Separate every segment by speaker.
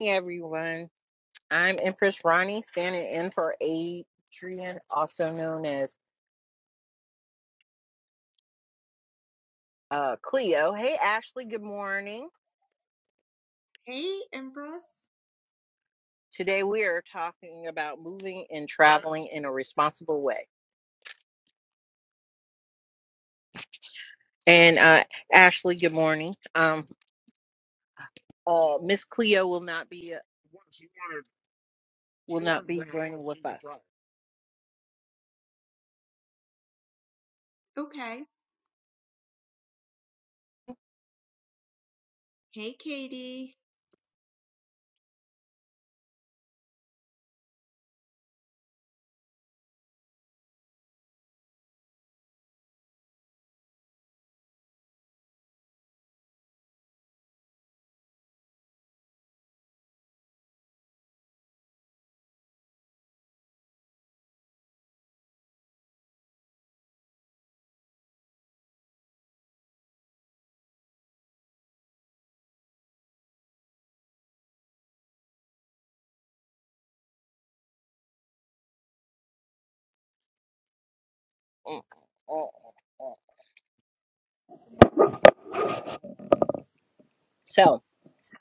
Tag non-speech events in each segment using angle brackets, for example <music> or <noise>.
Speaker 1: Hey everyone, I'm Empress Ronnie standing in for Adrian, also known as uh, Cleo. Hey Ashley, good morning.
Speaker 2: Hey, Empress.
Speaker 1: Today we are talking about moving and traveling in a responsible way. And uh, Ashley, good morning. Um, uh, Miss Cleo will not be uh, will not be joining with us.
Speaker 2: Okay.
Speaker 1: Mm,
Speaker 2: Hey, Katie.
Speaker 1: mm, mm. So,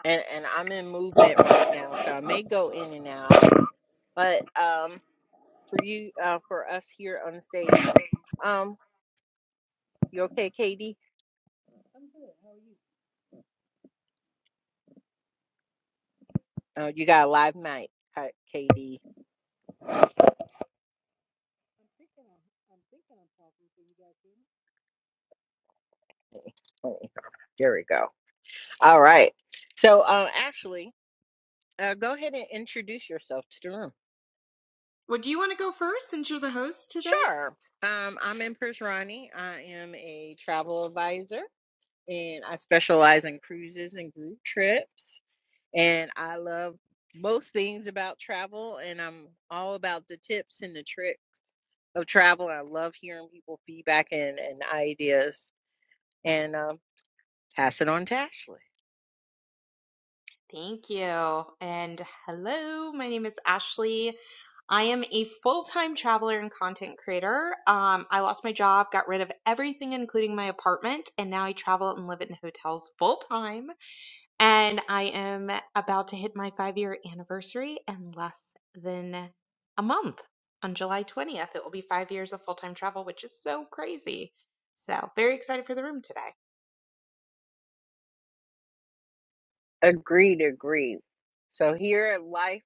Speaker 1: and and I'm in movement right now, so I may go in and out. But um, for you, uh, for us here on stage, um, you okay, KD? Oh, you got a live mic, K- KD.
Speaker 3: I'm thinking I'm, I'm thinking I'm talking. Can you guys hear me?
Speaker 1: Let me- let me- There we go. All right. So, uh, Ashley, uh, go ahead and introduce yourself to the room.
Speaker 2: Well, do you want to go first since you're the host today?
Speaker 1: Sure. Um, I'm Empress Ronnie. I am a travel advisor, and I specialize in cruises and group trips. And I love most things about travel, and I'm all about the tips and the trick of travel. I love hearing people feedback and, and ideas, and um, pass it on to Ashley.
Speaker 2: Thank you. And hello, my name is Ashley. I am a full time traveler and content creator. Um, I lost my job, got rid of everything, including my apartment, and now I travel and live in hotels full time. and I am about to hit my five year anniversary in less than a month. On July 20th, it will be five years of full time travel, which is so crazy. So, very excited for the room today.
Speaker 1: Agreed, agreed. So here at life,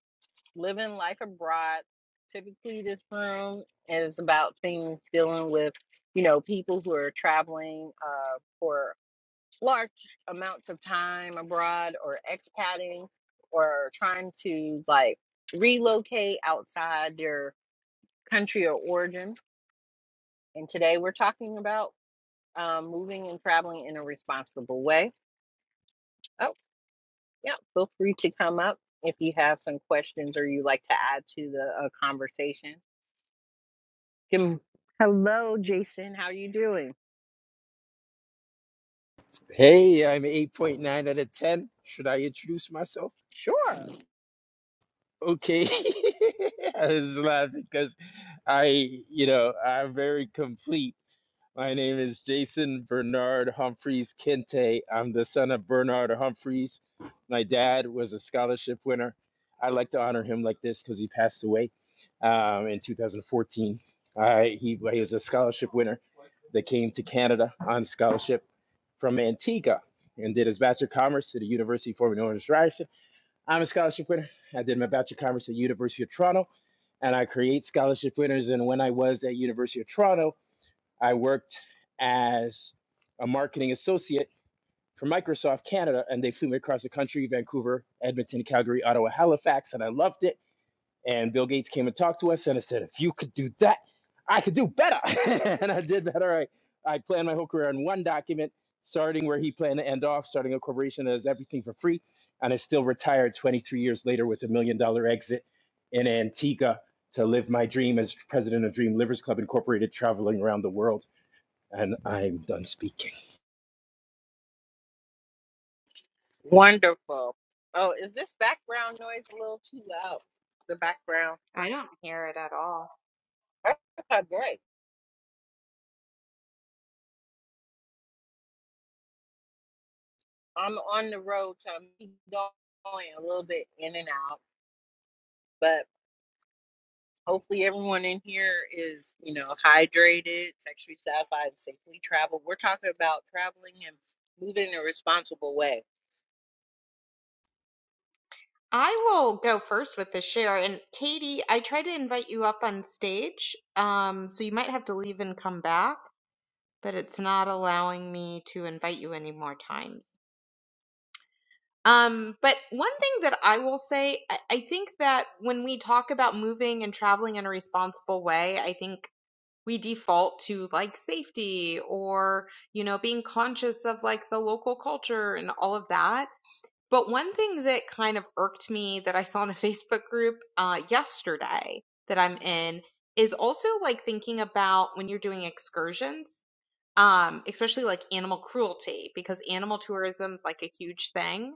Speaker 1: living life abroad, typically this room is about things dealing with, you know, people who are traveling uh, for large amounts of time abroad or expatting or trying to like relocate outside their country of origin. And today we're talking about um, moving and traveling in a responsible way. Oh, Yeah, feel free to come up if you have some questions or you like to add to the uh, conversation. Kim- Hello, Jason. How you doing?
Speaker 4: Hey, I'm 8.9 out of 10. Should I introduce myself?
Speaker 1: Sure.
Speaker 4: Okay. <laughs> I was laughing because I, you know, I'm very complete. My name is Jason Bernard Humphreys Kente. I'm the son of Bernard Humphreys. My dad was a scholarship winner. I like to honor him like this because he passed away um, in 2014. I, he, well, he was a scholarship winner that came to Canada on scholarship from Antigua and did his Bachelor of Commerce at the University formerly known as Ryerson. I'm a scholarship winner. I did my Bachelor of Commerce at the University of Toronto and I create scholarship winners. And when I was at University of Toronto, I worked as a marketing associate for Microsoft Canada, and they flew me across the country Vancouver, Edmonton, Calgary, Ottawa, Halifax, and I loved it. And Bill Gates came and talked to us, and I said, If you could do that, I could do better. <laughs> and I did better. I, I planned my whole career on one document, starting where he planned to end off, starting a corporation that does everything for free. And I still retired 23 years later with a million dollar exit in Antigua to live my dream as president of Dream Livers Club Incorporated, traveling around the world and I'm done speaking.
Speaker 1: Wonderful. Oh, is this background noise a little too loud? The background.
Speaker 2: I don't hear it at all.
Speaker 1: Okay, great. I'm on the road, so I'm going a little bit in and out, but hopefully everyone in here is, you know, hydrated, sexually satisfied, and safely traveled. We're talking about traveling and moving in a responsible way
Speaker 2: I will go first with the share. And Katie, I tried to invite you up on stage. Um, so you might have to leave and come back, but it's not allowing me to invite you any more times. Um, but one thing that I will say, I, I think that when we talk about moving and traveling in a responsible way, I think we default to like safety or, you know, being conscious of like the local culture and all of that. But one thing that kind of irked me that I saw in a <laughs> Facebook group uh, yesterday that I'm in is also like thinking about when you're doing excursions um, especially like animal cruelty because animal tourism is like a huge thing.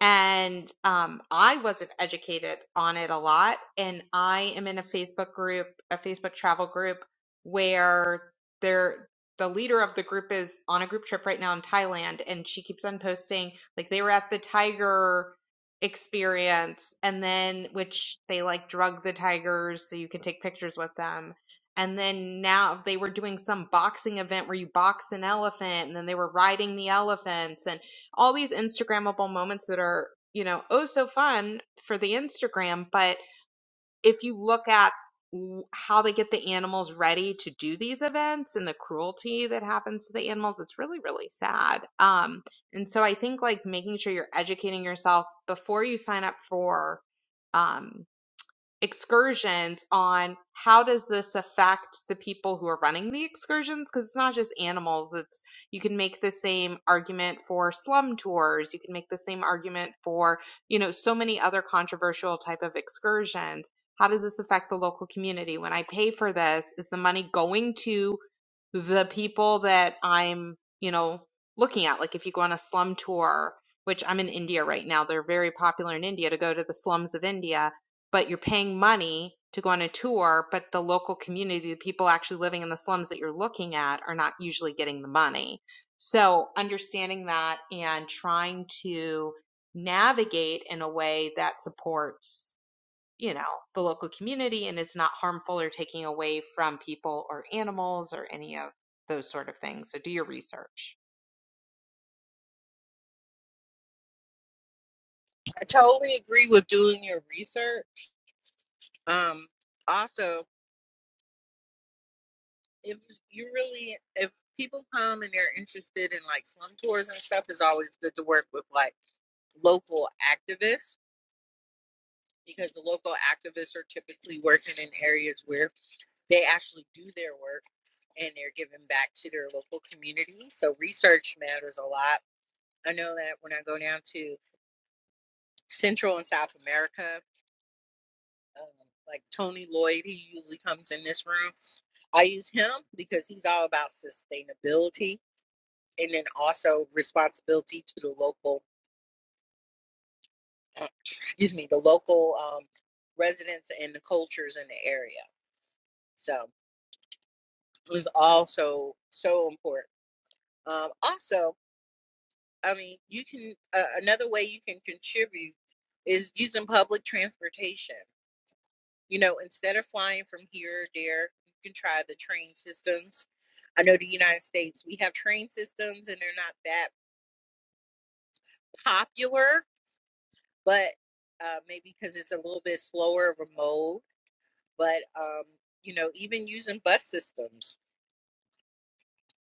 Speaker 2: And um, I wasn't educated on it a lot. And I am in a Facebook group, a Facebook travel group, where they're the leader of the group is on a group trip right now in Thailand, and she keeps on posting like they were at the tiger experience, and then which they like drug the tigers so you can take pictures with them and then now they were doing some boxing event where you box an elephant and then they were riding the elephants and all these instagrammable moments that are you know oh so fun for the instagram but if you look at w- how they get the animals ready to do these events and the cruelty that happens to the animals it's really really sad um and so i think like making sure you're educating yourself before you sign up for um excursions on how does this affect the people who are running the excursions because it's not just animals it's you can make the same argument for slum tours you can make the same argument for you know so many other controversial type of excursions how does this affect the local community when i pay for this is the money going to the people that I'm, you know, looking at. Like if you go on a slum tour, which I'm in India right now, they're very popular in India to go to the slums of India, but you're paying money to go on a tour, but the local community, the people actually living in the slums that you're looking at are not usually getting the money. So understanding that and trying to navigate in a way that supports you know, the local community and it's not harmful or taking away from people or animals or any of those sort of things. So do your research.
Speaker 1: I totally agree with doing your research. Um, also, if you really, if people come and they're interested in like slum tours and stuff, it's always good to work with like local activists because the local activists are typically working in areas where they actually do their work and they're giving back to their local community. So research matters a lot. I know that when I go down to Central and South America, um, like Tony Lloyd, he usually comes in this room. I use him because he's all about sustainability and then also responsibility to the local, uh, <coughs> excuse me, the local um, residents and the cultures in the area. So it was also so so important. Um, also, I mean, you can, uh, another way you can contribute is using public transportation. You know, instead of flying from here or there, you can try the train systems. I know the United States, we have train systems and they're not that popular, but uh, maybe because it's a little bit slower of a mode. But, um, you know, even using bus systems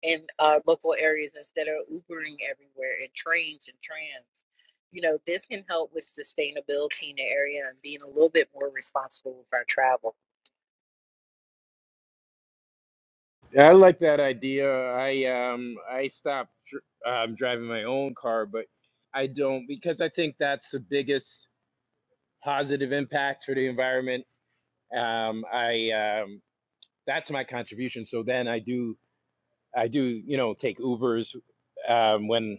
Speaker 1: in uh, local areas instead of Ubering everywhere and trains and trams, you know, this can help with sustainability in the area and being a little bit more responsible with our travel.
Speaker 4: I like that idea. I um I stopped dr- um, driving my own car, but I don't because I think that's the biggest positive impact for the environment. Um, I um, that's my contribution. So then I do I do you know take Ubers um, when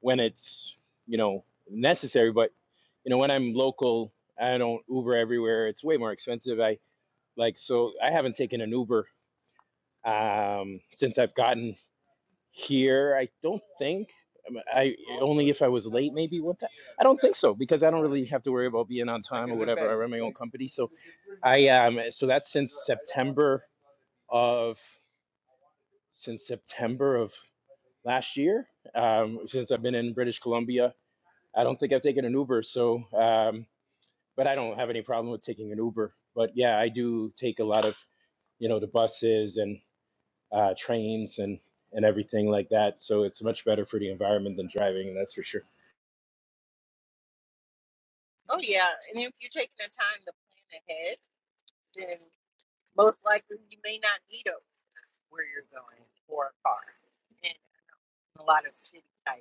Speaker 4: when it's you know necessary, but you know when I'm local, I don't Uber everywhere. It's way more expensive. I like so I haven't taken an Uber um, since I've gotten here. I don't think. um, I only if I was late, maybe. What? The, I don't think so because I don't really have to worry about being on time or whatever. I run my own company, so I um. So that's since September of since September of last year. Um, since I've been in British Columbia, I don't think I've taken an Uber. So um, but I don't have any problem with taking an Uber. But yeah, I do take a lot of you know the buses and. uh, trains and and everything like that. So it's much better for the environment than driving, that's for sure.
Speaker 1: Oh yeah, and if you're taking the time to plan ahead then most likely you may not need a where you're going or a car in a lot of city type.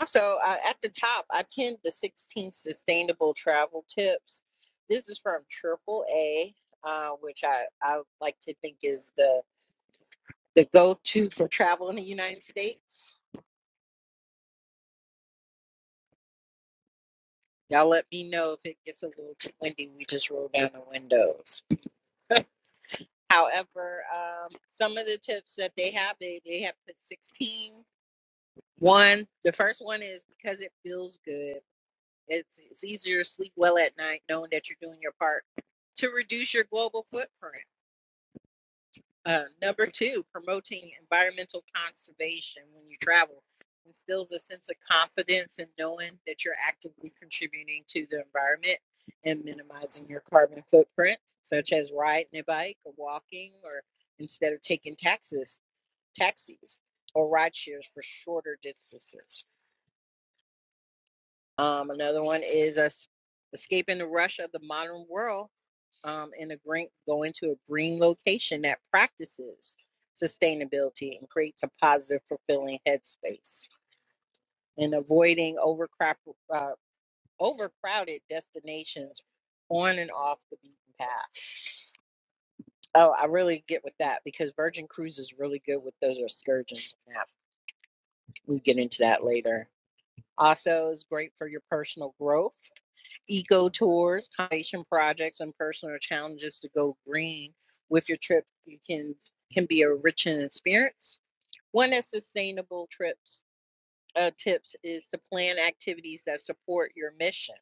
Speaker 1: Also, uh, at the top, I pinned the 16 sustainable travel tips. This is from AAA, uh, which I, I like to think is the, the go to for travel in the United States. Y'all let me know if it gets a little too windy. We just roll down the windows. However, um, some of the tips that they have, they, they have put 16 One, the first one is because it feels good. It's, it's easier to sleep well at night knowing that you're doing your part to reduce your global footprint. Uh, number two, promoting environmental conservation when you travel instills a sense of confidence in knowing that you're actively contributing to the environment and minimizing your carbon footprint, such as riding a bike or walking, or instead of taking taxis, taxis or ride shares for shorter distances. Um, another one is us escaping the rush of the modern world um, in a green, going to a green location that practices sustainability and creates a positive, fulfilling headspace, and avoiding overcrowd, uh, overcrowded destinations on and off the beaten path. Oh, I really get with that because Virgin Cruise is really good with those excursions. and that. We get into that later. Also, is great for your personal growth eco tours, conservation projects, and personal challenges to go green with your trip. You can can be a rich in experience. One of sustainable trips uh, tips is to plan activities that support your mission.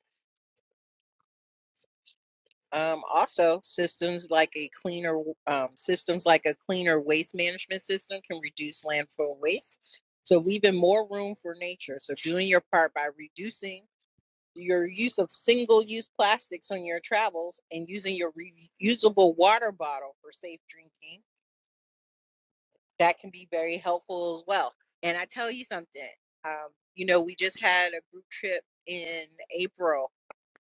Speaker 1: Um, also, systems like a cleaner um, systems like a cleaner waste management system can reduce landfill waste. So leaving more room for nature. So doing your part by reducing your use of single-use plastics on your travels and using your reusable water bottle for safe drinking. That can be very helpful as well. And I tell you something, um, you know, we just had a group trip in April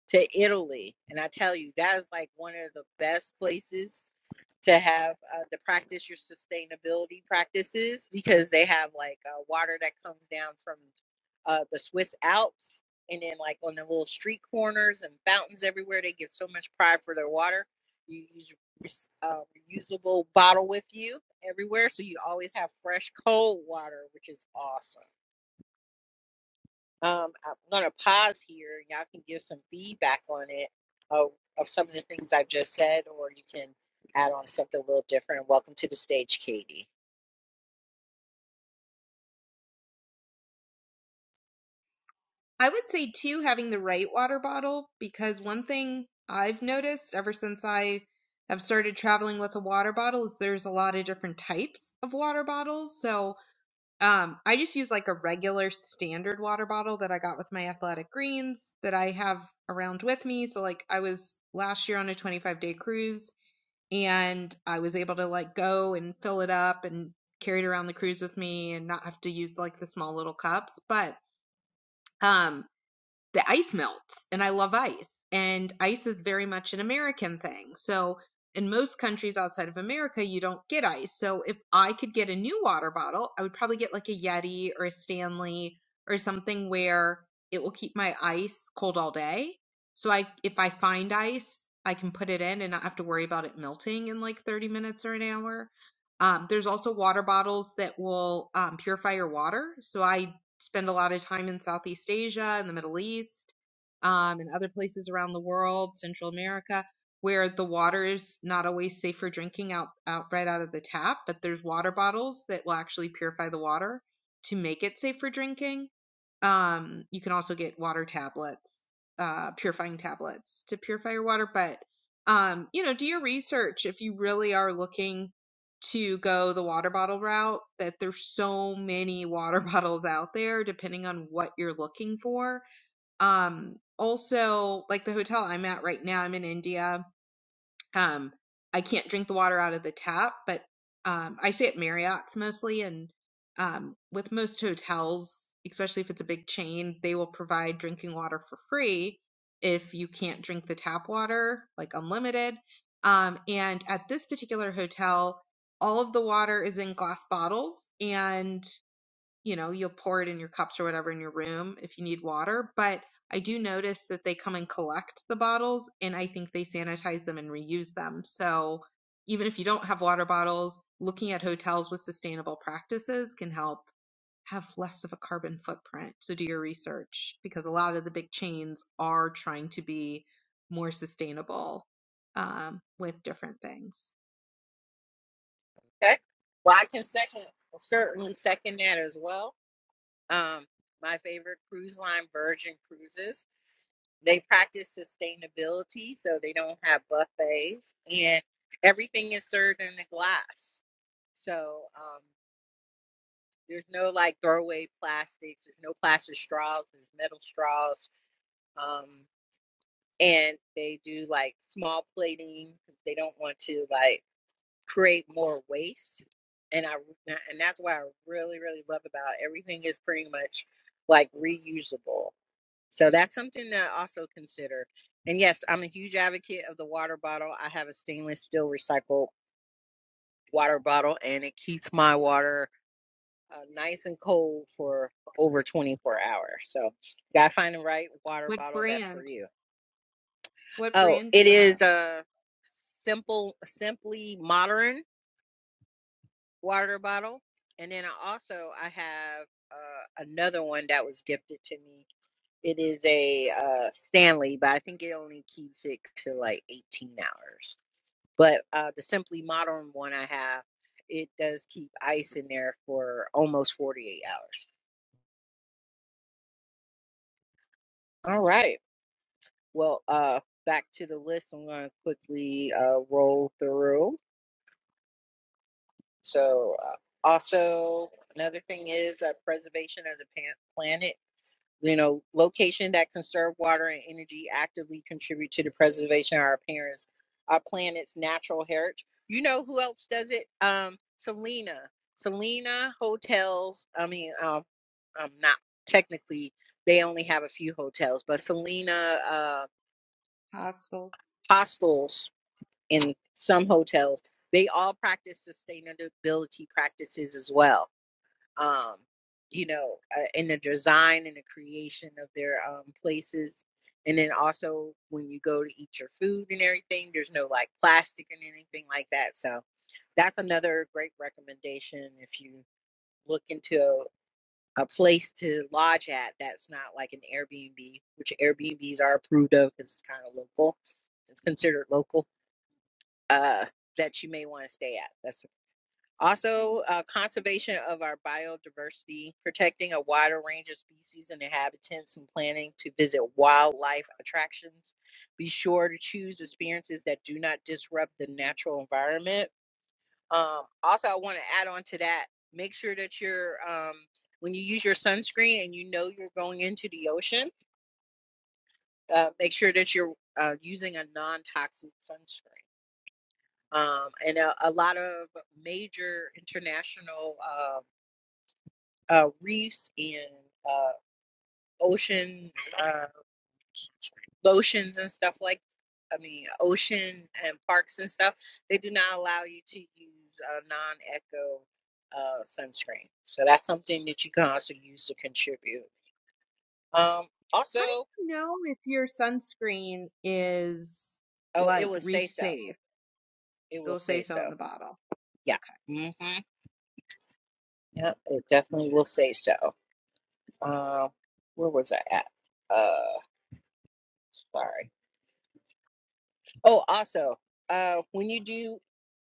Speaker 1: to Italy, and I tell you that is like one of the best places to have uh, to practice your sustainability practices because they have like uh, water that comes down from uh, the Swiss Alps and then like on the little street corners and fountains everywhere. They give so much pride for their water. You use rec- uh, reusable bottle with you everywhere, so you always have fresh cold water, which is awesome. Um, I'm gonna pause here. Y'all can give some feedback on it of, of some of the things I've just said, or you can add on something a little different. Welcome to the stage, Katie.
Speaker 2: I would say too having the right water bottle because one thing I've noticed ever since I have started traveling with a water bottle is there's a lot of different types of water bottles. So um, I just use like a regular standard water bottle that I got with my athletic greens that I have around with me. So, like, I was last year on a 25 day cruise and I was able to like go and fill it up and carry it around the cruise with me and not have to use like the small little cups. But um the ice melts and I love ice. And ice is very much an American thing. So in most countries outside of America, you don't get ice. So if I could get a new water bottle, I would probably get like a Yeti or a Stanley or something where it will keep my ice cold all day. So I if I find ice, I can put it in and not have to worry about it melting in like 30 minutes or an hour. Um, there's also water bottles that will um, purify your water. So I spend a lot of time in Southeast Asia and the Middle East um, and other places around the world, Central America, where the water is not always safe for drinking out, out right out of the tap, but there's water bottles that will actually purify the water to make it safe for drinking. Um, you can also get water tablets, uh, purifying tablets to purify your water. But, um, you know, do your research if you really are looking to go the water bottle route, that there's so many <laughs> water bottles out there, depending on what you're looking for. Um, also, like the hotel I'm at right now, I'm in India um, I can't drink the water out of the tap, but um, I stay at Marriott's mostly, and um, with most hotels, especially if it's a big chain, they will provide drinking water for free if you can't drink the tap water, like unlimited. Um, and at this particular hotel, all of the water is in glass bottles, and you know, you'll pour it in your cups or whatever in your room if you need water. But I do notice that they come and collect the bottles and I think they sanitize them and reuse them. So even if you don't have water bottles, looking at hotels with sustainable practices can help have less of a carbon footprint. So do your research because a lot of the big chains are trying to be more sustainable um, with different things.
Speaker 1: Okay. Well, I can second certainly second that as well. Um, my favorite cruise line, Virgin Cruises. They practice sustainability, so they don't have buffets, and everything is served in the glass. So, um, There's no like throwaway plastics. There's no plastic straws. There's metal straws. Um, and they do like small plating because they don't want to like create more waste. And I and that's what I really really love about it. everything is pretty much like reusable. So that's something that I also consider. And yes, I'm a huge advocate of the water bottle. I have a stainless steel recycled water bottle, and it keeps my water uh, nice and cold for over 24 hours. So, you gotta find the right water
Speaker 2: What
Speaker 1: bottle that's for
Speaker 2: brand?
Speaker 1: you.
Speaker 2: What
Speaker 1: Oh,
Speaker 2: brand do
Speaker 1: it
Speaker 2: you have?
Speaker 1: is a simple, simply modern water bottle, and then I also I have uh, another one that was gifted to me. It is a uh, Stanley, but I think it only keeps it to like 18 hours. But uh, the simply modern one I have, it does keep ice in there for almost 48 hours. All right. Well, uh, back to the list. I'm going to quickly uh, roll through. So, uh, also another thing is uh, preservation of the pan- planet. You know, location that conserve water and energy actively contribute to the preservation of our parents, our planet's natural heritage. You know who else does it? Um, Selena. Selena hotels. I mean, um, um, not technically. They only have a few hotels, but Selena uh,
Speaker 2: Hostels.
Speaker 1: hostels in some hotels. They all practice sustainability practices as well. Um, you know, uh, in the design and the creation of their um, places. And then also when you go to eat your food and everything, there's no like plastic and anything like that. So that's another great recommendation if you look into a, a place to lodge at that's not like an Airbnb, which Airbnbs are approved of because it's kind of local. It's considered local uh, that you may want to stay at. That's also uh, conservation of our biodiversity, protecting a wider range of species and inhabitants, and planning to visit wildlife attractions. Be sure to choose experiences that do not disrupt the natural environment. Um, also, I want to add on to that. Make sure that you're um, when you use your sunscreen and you know you're going into the ocean. Uh, make sure that you're uh, using a non-toxic sunscreen. um, and a, a lot of major international uh, uh, reefs and uh, ocean uh, lotions and stuff like I mean ocean and parks and stuff they do not allow you to use uh, non-eco uh, sunscreen so that's something that you can also use to contribute um,
Speaker 2: How do
Speaker 1: also
Speaker 2: you know if your sunscreen is
Speaker 1: oh it
Speaker 2: like
Speaker 1: will say
Speaker 2: reef
Speaker 1: so
Speaker 2: safe?
Speaker 1: it will
Speaker 2: It'll say
Speaker 1: say
Speaker 2: so on
Speaker 1: so
Speaker 2: the bottle.
Speaker 1: yeah
Speaker 2: Okay.
Speaker 1: hmm yep it definitely will say so um, where was I at Uh, Sorry. Oh, also, uh, when you do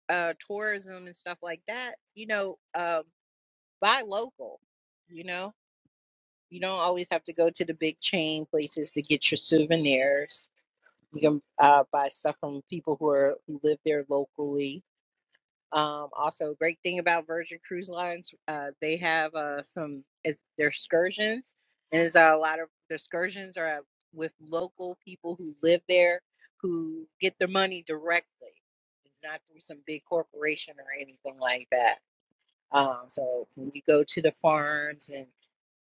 Speaker 1: uh, tourism and stuff like that, you know, um, buy local. You know, you don't always have to go to the big chain places to get your souvenirs. You can uh, buy stuff from people who are who live there locally. Um, also, great thing about Virgin Cruise Lines, uh, they have uh, some it's their excursions, and there's a lot of the excursions are with local people who live there who get their money directly. It's not through some big corporation or anything like that. Um, so when you go to the farms and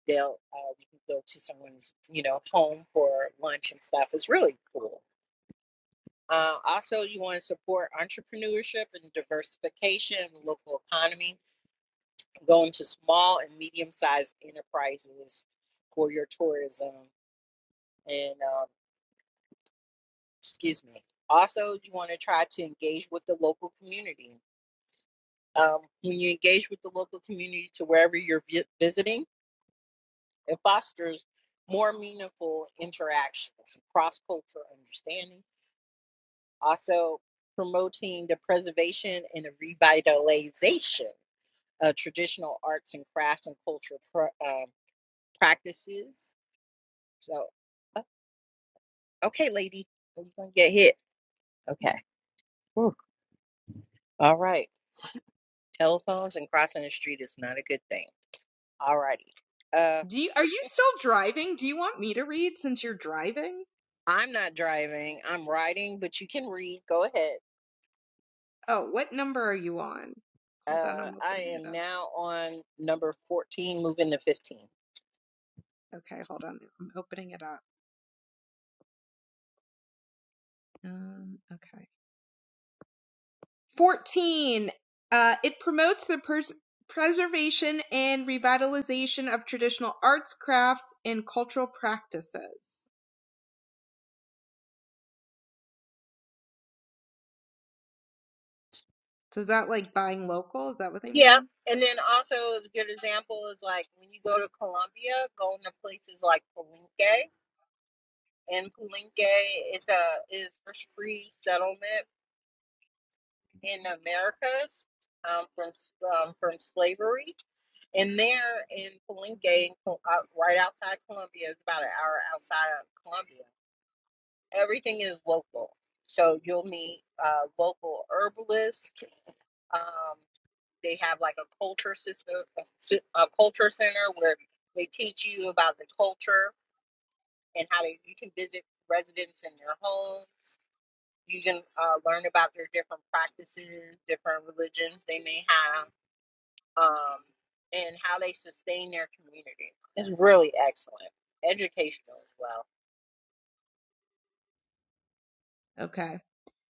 Speaker 1: they'll uh, you can go to someone's you know home for lunch and stuff. It's really cool. Uh, also, you want to support entrepreneurship and diversification in the local economy going to small and medium sized enterprises for your tourism. And um, excuse me. Also, you want to try to engage with the local community. Um, when you engage with the local community to wherever you're vi- visiting, it fosters more meaningful interactions, cross cultural understanding. Also, promoting the preservation and the revitalization of traditional arts and crafts and cultural pra- um practices. So, Okay, lady, are you gonna get hit? Okay. Whew. All right. Telephones and crossing the street is not a good thing. All righty. Uh,
Speaker 2: Do you are you still driving? Do you want me to read since you're driving?
Speaker 1: I'm not driving. I'm riding, but you can read. Go ahead.
Speaker 2: Oh, what number are you on? Hold on,
Speaker 1: Uh,
Speaker 2: I'm
Speaker 1: I
Speaker 2: opening it
Speaker 1: am
Speaker 2: up.
Speaker 1: now on number 14, moving to 15.
Speaker 2: Okay, hold on. I'm opening it up. Um, okay. 14. Uh, it promotes the pers- preservation and revitalization of traditional arts, crafts, and cultural practices. So is that like buying local? Is that what they
Speaker 1: Yeah.
Speaker 2: mean?
Speaker 1: And then also a good example is like when you go to Colombia, going to places like Palenque. And Palenque is a is first free settlement in Americas um, from um, from slavery. And there in Palenque, in Col- out- right outside Colombia, it's about an hour outside of Colombia. Everything is local. So you'll meet uh, local herbalists. Um, they have like a culture system, a culture center where they teach you about the culture and how they, you can visit residents in their homes. You can uh, learn about their different practices, different religions they may have um, and how they sustain their community. It's really excellent, educational as well.
Speaker 2: Okay.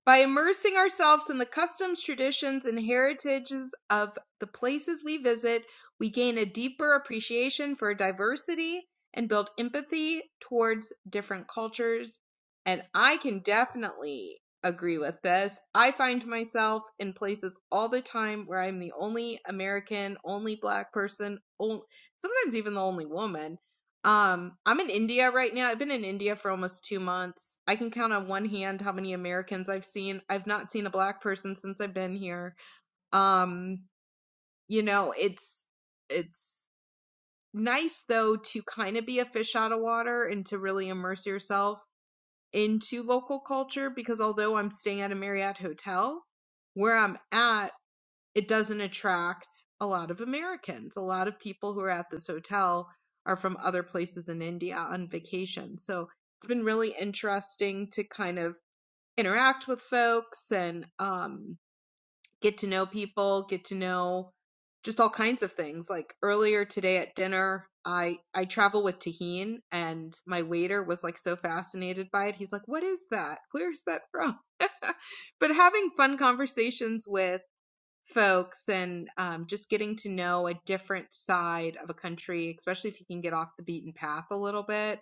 Speaker 2: By immersing ourselves in the customs, traditions, and heritages of the places we visit, we gain a deeper appreciation for diversity and build empathy towards different cultures. And I can definitely agree with this. I find myself in places all the time where I'm the only American, only black person, on- sometimes even the only woman Um, I'm in India right now. I've been in India for almost two months. I can count on one hand how many Americans I've seen. I've not seen a black person since I've been here. Um, you know, it's it's nice though to kind of be a fish out of water and to really immerse yourself into local culture because although I'm staying at a Marriott hotel, where I'm at it doesn't attract a lot of Americans. A lot of people who are at this hotel are from other places in India on vacation. So it's been really interesting to kind of interact with folks and um, get to know people, get to know just all kinds of things. Like earlier today at dinner, I I travel with Tahine and my waiter was like so fascinated by it. He's like, "What is that? Where's that from?" <laughs> but having fun conversations with folks and um, just getting to know a different side of a country, especially if you can get off the beaten path a little bit.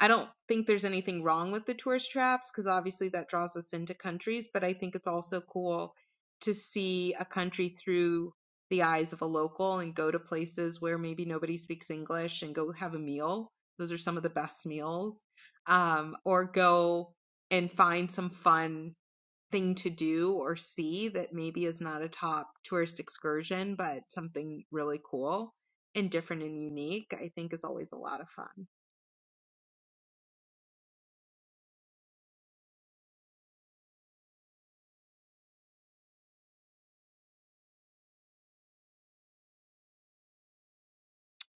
Speaker 2: I don't think there's anything wrong with the tourist traps because obviously that draws us into countries, but I think it's also cool to see a country through the eyes of a local and go to places where maybe nobody speaks English and go have a meal. Those are some of the best meals. Um, or go and find some fun thing to do or see that maybe is not a top tourist excursion, but something really cool and different and unique, I think is always a lot of fun.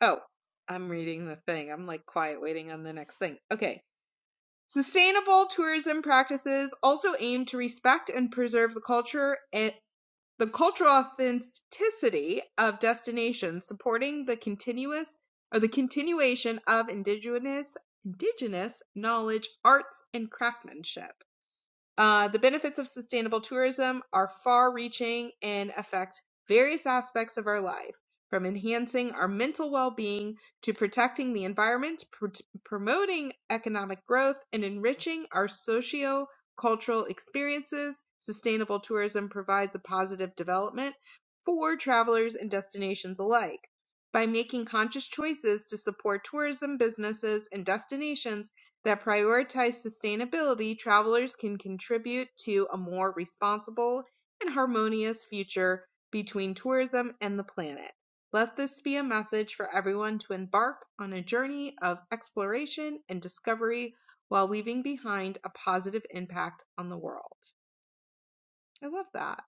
Speaker 2: Oh, I'm reading the thing. I'm like quiet waiting on the next thing. Okay. Sustainable tourism practices also aim to respect and preserve the culture and. The cultural authenticity of destinations supporting the continuous or the continuation of indigenous indigenous knowledge, arts and craftsmanship. Uh, the benefits of sustainable tourism are far reaching and affect various aspects of our life, from enhancing our mental well being to protecting the environment, pr- promoting economic growth, and enriching our socio cultural experiences. Sustainable tourism provides a positive development for travelers and destinations alike. By making conscious choices to support tourism businesses and destinations, that prioritize sustainability, travelers can contribute to a more responsible and harmonious future between tourism and the planet. Let this be a message for everyone to embark on a journey of exploration and discovery while leaving behind a positive impact on the world. I love that.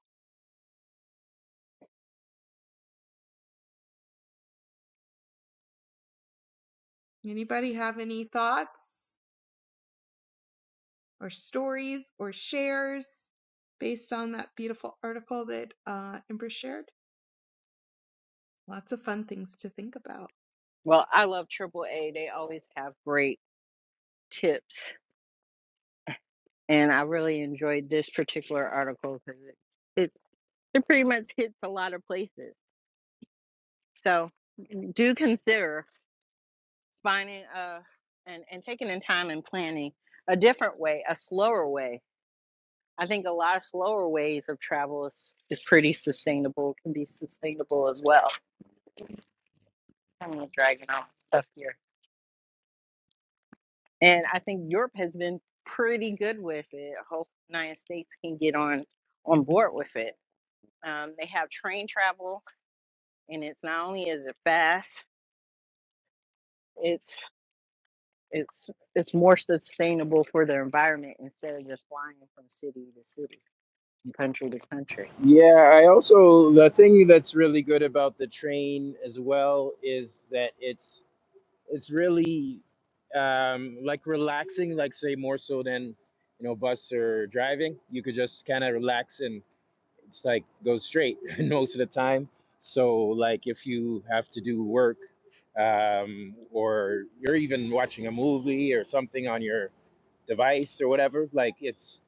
Speaker 2: Anybody have any thoughts or stories or shares based on that beautiful article that uh, Ember shared? Lots of fun things to think about.
Speaker 1: Well, I love Triple A. They always have great tips, and I really enjoyed this particular article because it, it it pretty much hits a lot of places. So do consider finding a and and taking in time and planning a different way, a slower way. I think a lot of slower ways of travel is is pretty sustainable. Can be sustainable as well. I'm gonna drag it on stuff here. And I think Europe has been pretty good with it. I Hope the United States can get on on board with it. Um, they have train travel, and it's not only is it fast, it's it's it's more sustainable for the environment instead of just flying from city to city, and country to country.
Speaker 4: Yeah, I also the thing that's really good about the train as well is that it's it's really um, like relaxing, like say more so than you know bus or driving. You could just kind of relax and it's like go straight <laughs> most of the time. So like if you have to do work um, or you're even watching a movie or something on your device or whatever. Like it's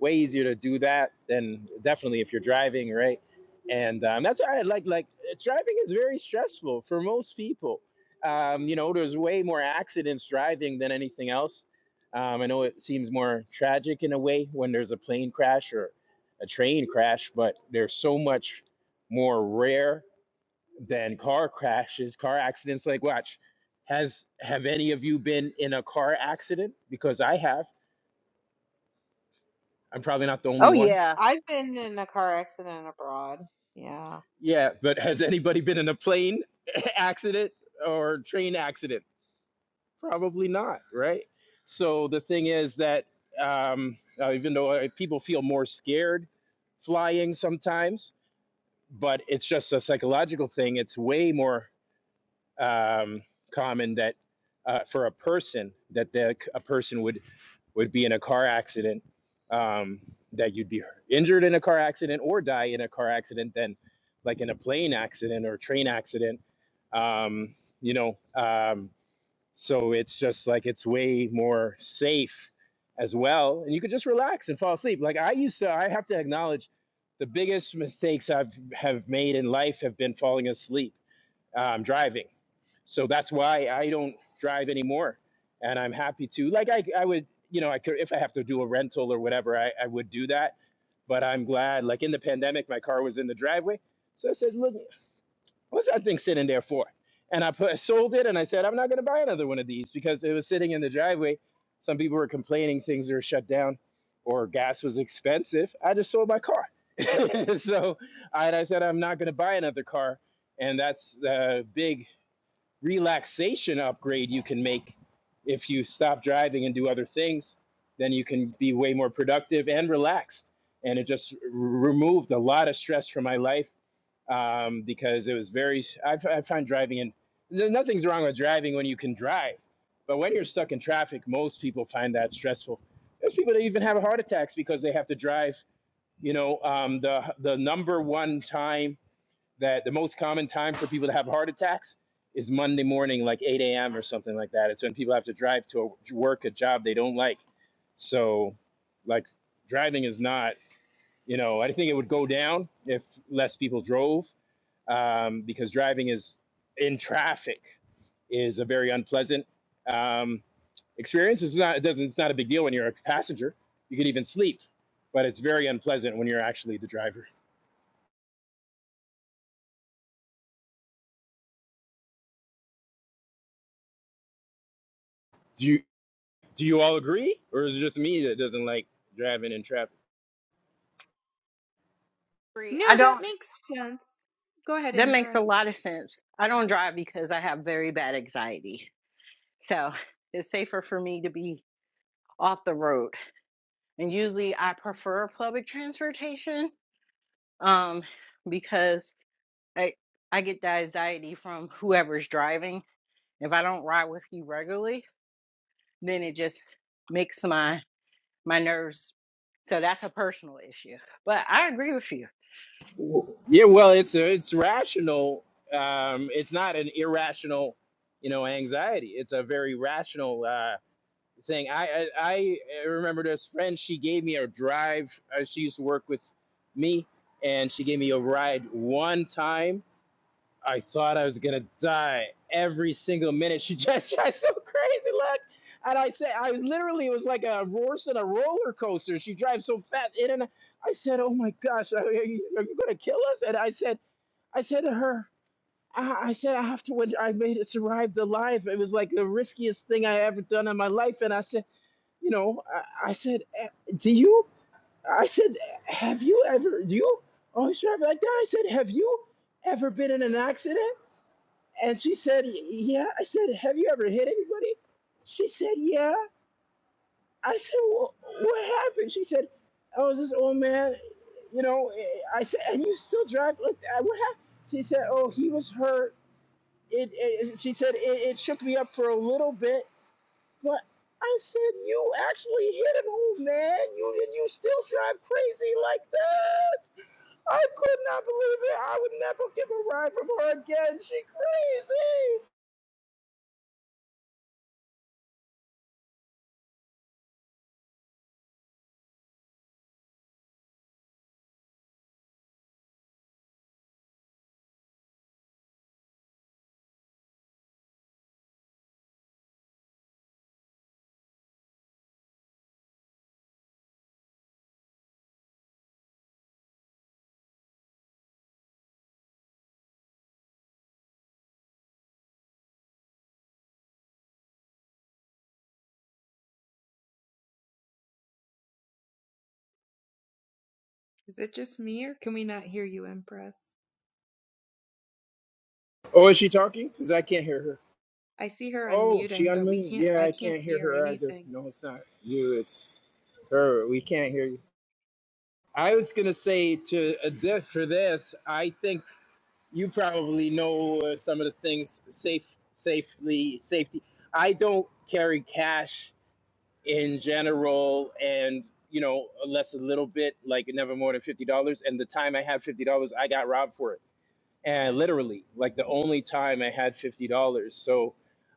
Speaker 4: way easier to do that than definitely if you're driving, right? And um, that's why I like like uh, driving is very stressful for most people. Um, you know, there's way more accidents driving than anything else. Um, I know it seems more tragic in a way when there's a plane crash or a train crash, but there's so much more rare than car crashes, car accidents. Like, watch, has have any of you been in a car accident? Because I have I'm probably not the only
Speaker 1: Oh
Speaker 4: one.
Speaker 1: yeah,
Speaker 2: I've been in a car accident abroad. Yeah.
Speaker 4: Yeah, but has anybody been in a plane <laughs> accident or train accident? Probably not, right? So the thing is that um, uh, even though uh, people feel more scared flying sometimes, but it's just a psychological thing. It's way more. um, common that uh, for a person that the, a person would would be in a car accident um, that you'd be injured in a car accident or die in a car accident than like in a plane accident or a train accident um, you know um, so it's just like it's way more safe as well and you could just relax and fall asleep like i used to i have to acknowledge the biggest mistakes i've have made in life have been falling asleep um, driving. So that's why I don't drive anymore. And I'm happy to, like, I, I would, you know, I could, if I have to do a rental or whatever, I, I would do that. But I'm glad, like, in the pandemic, my car was in the driveway. So I said, look, What's that thing sitting there for? And I put, <laughs> I sold it and I said, I'm not going to buy another one of these because it was sitting in the driveway. Some people were complaining things were shut down or gas was expensive. I just sold my car. <laughs> so I, I said, I'm not going to buy another car. And that's the big relaxation upgrade you can make if you stop driving and do other things. Then you can be way more productive and relaxed. And it just r- removed a lot of stress from my life um, because it was very. I, I find driving in. no, Nothing's wrong with driving when you can drive, but when you're stuck in traffic, most people find that stressful. There's people that even have heart attacks because they have to drive. You know, um, the the number one time that the most common time for people to have heart attacks is Monday morning, like 8 a.m. or something like that. It's when people have to drive to a, to work a job they don't like. So, like, driving is not. You know, I think it would go down if less people drove um, because driving is in traffic is a very unpleasant um, experience. It's not it doesn't it's not a big deal when you're a passenger. You can even sleep, but it's very unpleasant when you're actually the driver. Do you do you all agree, or is it just me that doesn't like driving in traffic?
Speaker 1: free. I
Speaker 2: No, that
Speaker 1: don't.
Speaker 2: makes sense. Go ahead,
Speaker 1: That makes a
Speaker 2: Empress.
Speaker 1: lot of sense. I don't drive because I have very bad anxiety, so <laughs> it's safer for me to be off the road and usually I prefer public transportation um because I I get the anxiety from whoever's driving. If I don't ride with you regularly, then it just makes my my nerves. So that's a personal issue. But I agree with you.
Speaker 4: Yeah, well, it's a, it's rational. Um, it's not an irrational, you know, anxiety. It's a very rational. uh, thing. I, I I remember this friend. She gave me a drive. Uh, She used to work with me, and she gave me a ride one time. I thought I was gonna die every single minute. She <laughs> just got so crazy, look. And I said, I was literally it was like a horse and a roller coaster. She drives so fast in and I said, "Oh my gosh, are you, are you gonna kill us?" And I said, I said to her. I I said I have to. win I made it survived alive. It was like the riskiest thing I ever done in my life, and I said you know, I, I said, "Eh, do you, I said, have you ever, do you, oh, she was like, that." I said, have you ever been in an accident? And she said, "Y- yeah. I said, have you ever hit anybody? She said, yeah. I said, well, what happened? She said, I was this old man, you know, eh, I said, and you still drive? Like, that?" What happened? She said, oh, he was hurt. It, it, she said, it, it shook me up for a little bit but I said, you actually hit it home, man. You and you still drive crazy like that. I could not believe it. I would never give a ride from her again. She crazy.
Speaker 2: Is it just me or can we not hear you, Empress?
Speaker 4: Oh, is she talking? Because I can't hear her.
Speaker 2: I see her
Speaker 4: Oh, she
Speaker 2: unmuting, but we
Speaker 4: unmuted.
Speaker 2: can't
Speaker 4: Yeah,
Speaker 2: I
Speaker 4: I
Speaker 2: can't
Speaker 4: can't hear
Speaker 2: hear
Speaker 4: her either.
Speaker 2: anything.
Speaker 4: No, it's not you. It's her. We can't hear you. I was gonna say to a this for this. I think you probably know uh, some of the things safe, safely, safety. I don't carry cash in general and you know less a little bit like never more than $50 and the time i had $50 i got robbed for it and literally like the only time i had $50 so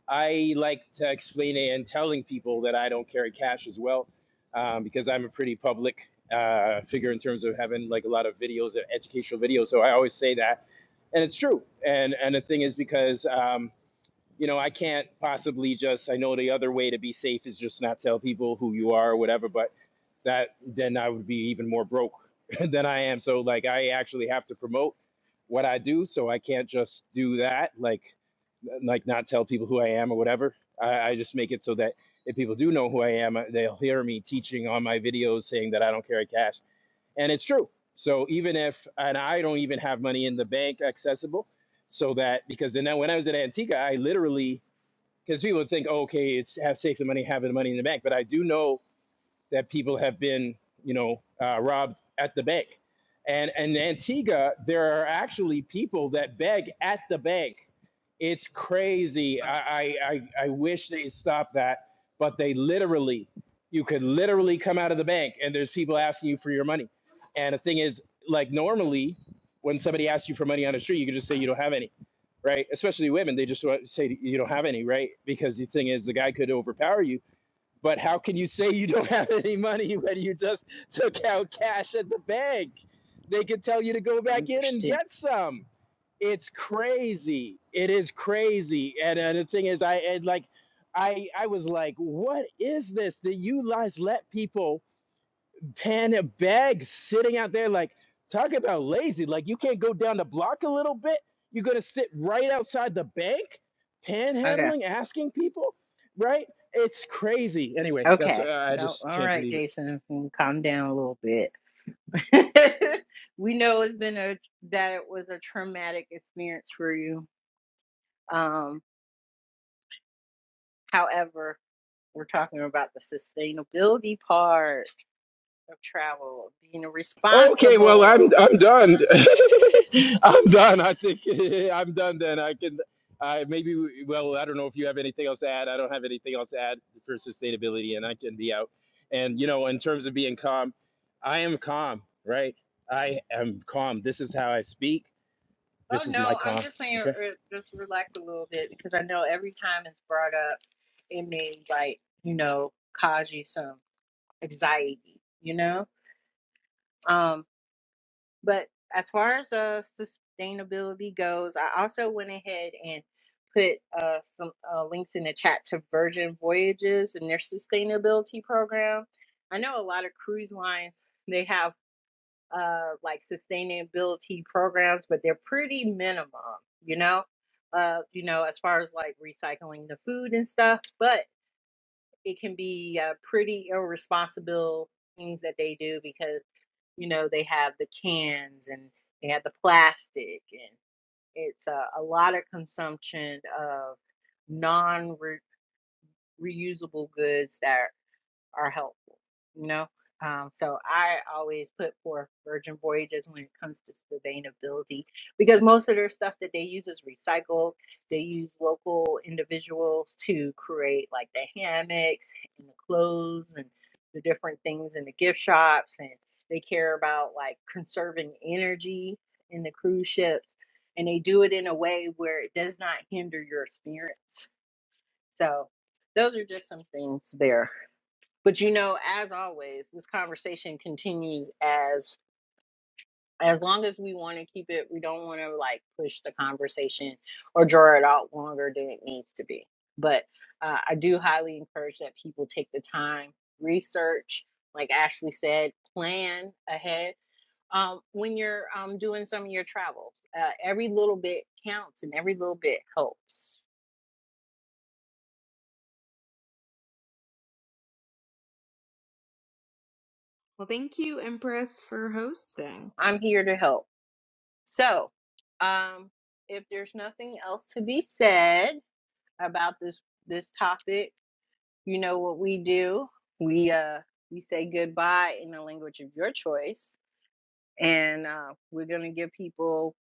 Speaker 4: i like to explain it and telling people that i don't carry cash as well um, because i'm a pretty public uh, figure in terms of having like a lot of videos uh, educational videos so i always say that and it's true and and the thing is because um, you know, I can't possibly just, I know the other way to be safe is just not tell people who you are or whatever, but that then I would be even more broke <laughs> than I am. So, like, I actually have to promote what I do. So I can't just do that, like, like not tell people who I am or whatever. I, I just make it so that if people do know who I am, uh, they'll hear me teaching on my videos saying that I don't carry cash. And it's true. So even if, and I don't even have money in the bank accessible, so that because then when I was at Antigua, I literally because people think, oh, okay, it's have safe the money, having the money in the bank. But I do know that people have been, you know, uh, robbed at the bank. And in Antigua, there are actually people that beg at the bank. It's crazy.
Speaker 1: I
Speaker 4: I, I I wish they stopped that, but they literally, you could literally come out of the bank and there's people asking you for your money. And the thing is, like normally, when somebody asks you for money on the street, you can just say you don't have any right? Especially women, they just want to say you don't have any, right? Because the thing is, the guy could overpower you. But how can you say you don't <laughs> have any money when you just took out cash at the bank? They could tell you to go back in and
Speaker 1: understand.
Speaker 4: get some. It's crazy. It is crazy. And uh, the thing is, I and like, I I was like, what is this? The you guys let people panic bag sitting out there like talk about lazy like you can't go down the block a little bit you're gonna sit right outside the bank
Speaker 1: Okay.
Speaker 4: panhandling asking people right it's crazy anyway that's
Speaker 1: Okay.
Speaker 4: uh, i
Speaker 1: Well,
Speaker 4: just
Speaker 1: all
Speaker 4: can't
Speaker 1: right,
Speaker 4: believe it
Speaker 1: Jason, mm, calm down a little bit. <laughs> we know it's been a that it was a traumatic experience for you. Um, however, We're talking about the sustainability part of travel, being
Speaker 4: Okay, well, I'm
Speaker 1: responsible.
Speaker 4: I'm done. <laughs> I'm done. I think <laughs> I'm done. Then I can. I maybe. we- Well, I don't know if you have anything else to add. I don't have anything else to add for sustainability, and I can be out. And you know, in terms of being calm, I am calm. Right? I am calm. This is how I speak.
Speaker 1: Oh
Speaker 4: This is my
Speaker 1: no, I'm
Speaker 4: calm.
Speaker 1: just saying,
Speaker 4: Okay.
Speaker 1: uh, just relax a little bit because I know every time it's brought up, it may like you know cause you some anxiety, you know. Um, but as far as uh sustainability goes, I also went ahead and put uh some uh, links in the chat to Virgin Voyages and their sustainability program. I know a lot of cruise lines they have uh, like sustainability programs, but they're pretty minimum, you know, uh, you know, as far as like recycling the food and stuff, but it can be uh, pretty irresponsible things that they do because, you know, they have the cans and they have the plastic and it's uh, a lot of consumption of non reusable goods that are helpful, you know? Um, so I always put forth Virgin Voyages when it comes to sustainability because most of their stuff that they use is recycled. They use local individuals to create like the hammocks and the clothes and the different things in the gift shops. And they care about like conserving energy in the cruise ships. And they do it in a way where it does not hinder your experience. So those are just some things there. But you know, as always, this conversation continues as as long as we want to keep it, we don't want to like push the conversation or draw it out longer than it needs to be. But uh, I do highly encourage that people take the time, research, like Ashley said, plan ahead. Um, when you're um, doing some of your travels, uh, every little bit counts and every little bit helps.
Speaker 2: Well, thank you, Empress, for hosting.
Speaker 1: I'm here to help. So, um, if there's nothing else to be said, about this this topic, you know what we do. We uh we say goodbye in the language of your choice, and uh, we're gonna give people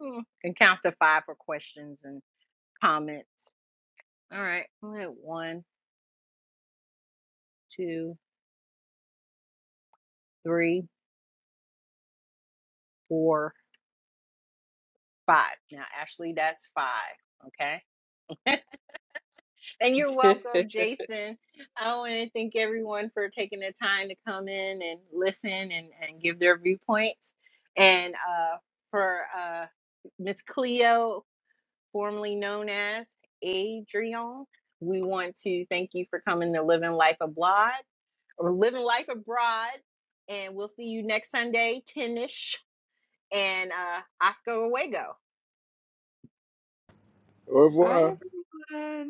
Speaker 1: hmm, and count to five for questions and comments. All right, all right, one, two, three, four, five. Now, Ashley, that's five. Okay. And you're
Speaker 2: <laughs> Bye,
Speaker 1: welcome, Jason. I want to thank everyone for taking the time to come in and listen and, and give their viewpoints. And uh, for uh, Miss Cleo, formerly known as Adrian, we want to thank you for coming to Living Life Abroad or Living Life Abroad. And we'll see you next Sunday, 10 ish. And uh, Oscar Awego.
Speaker 4: Au revoir.
Speaker 2: everyone.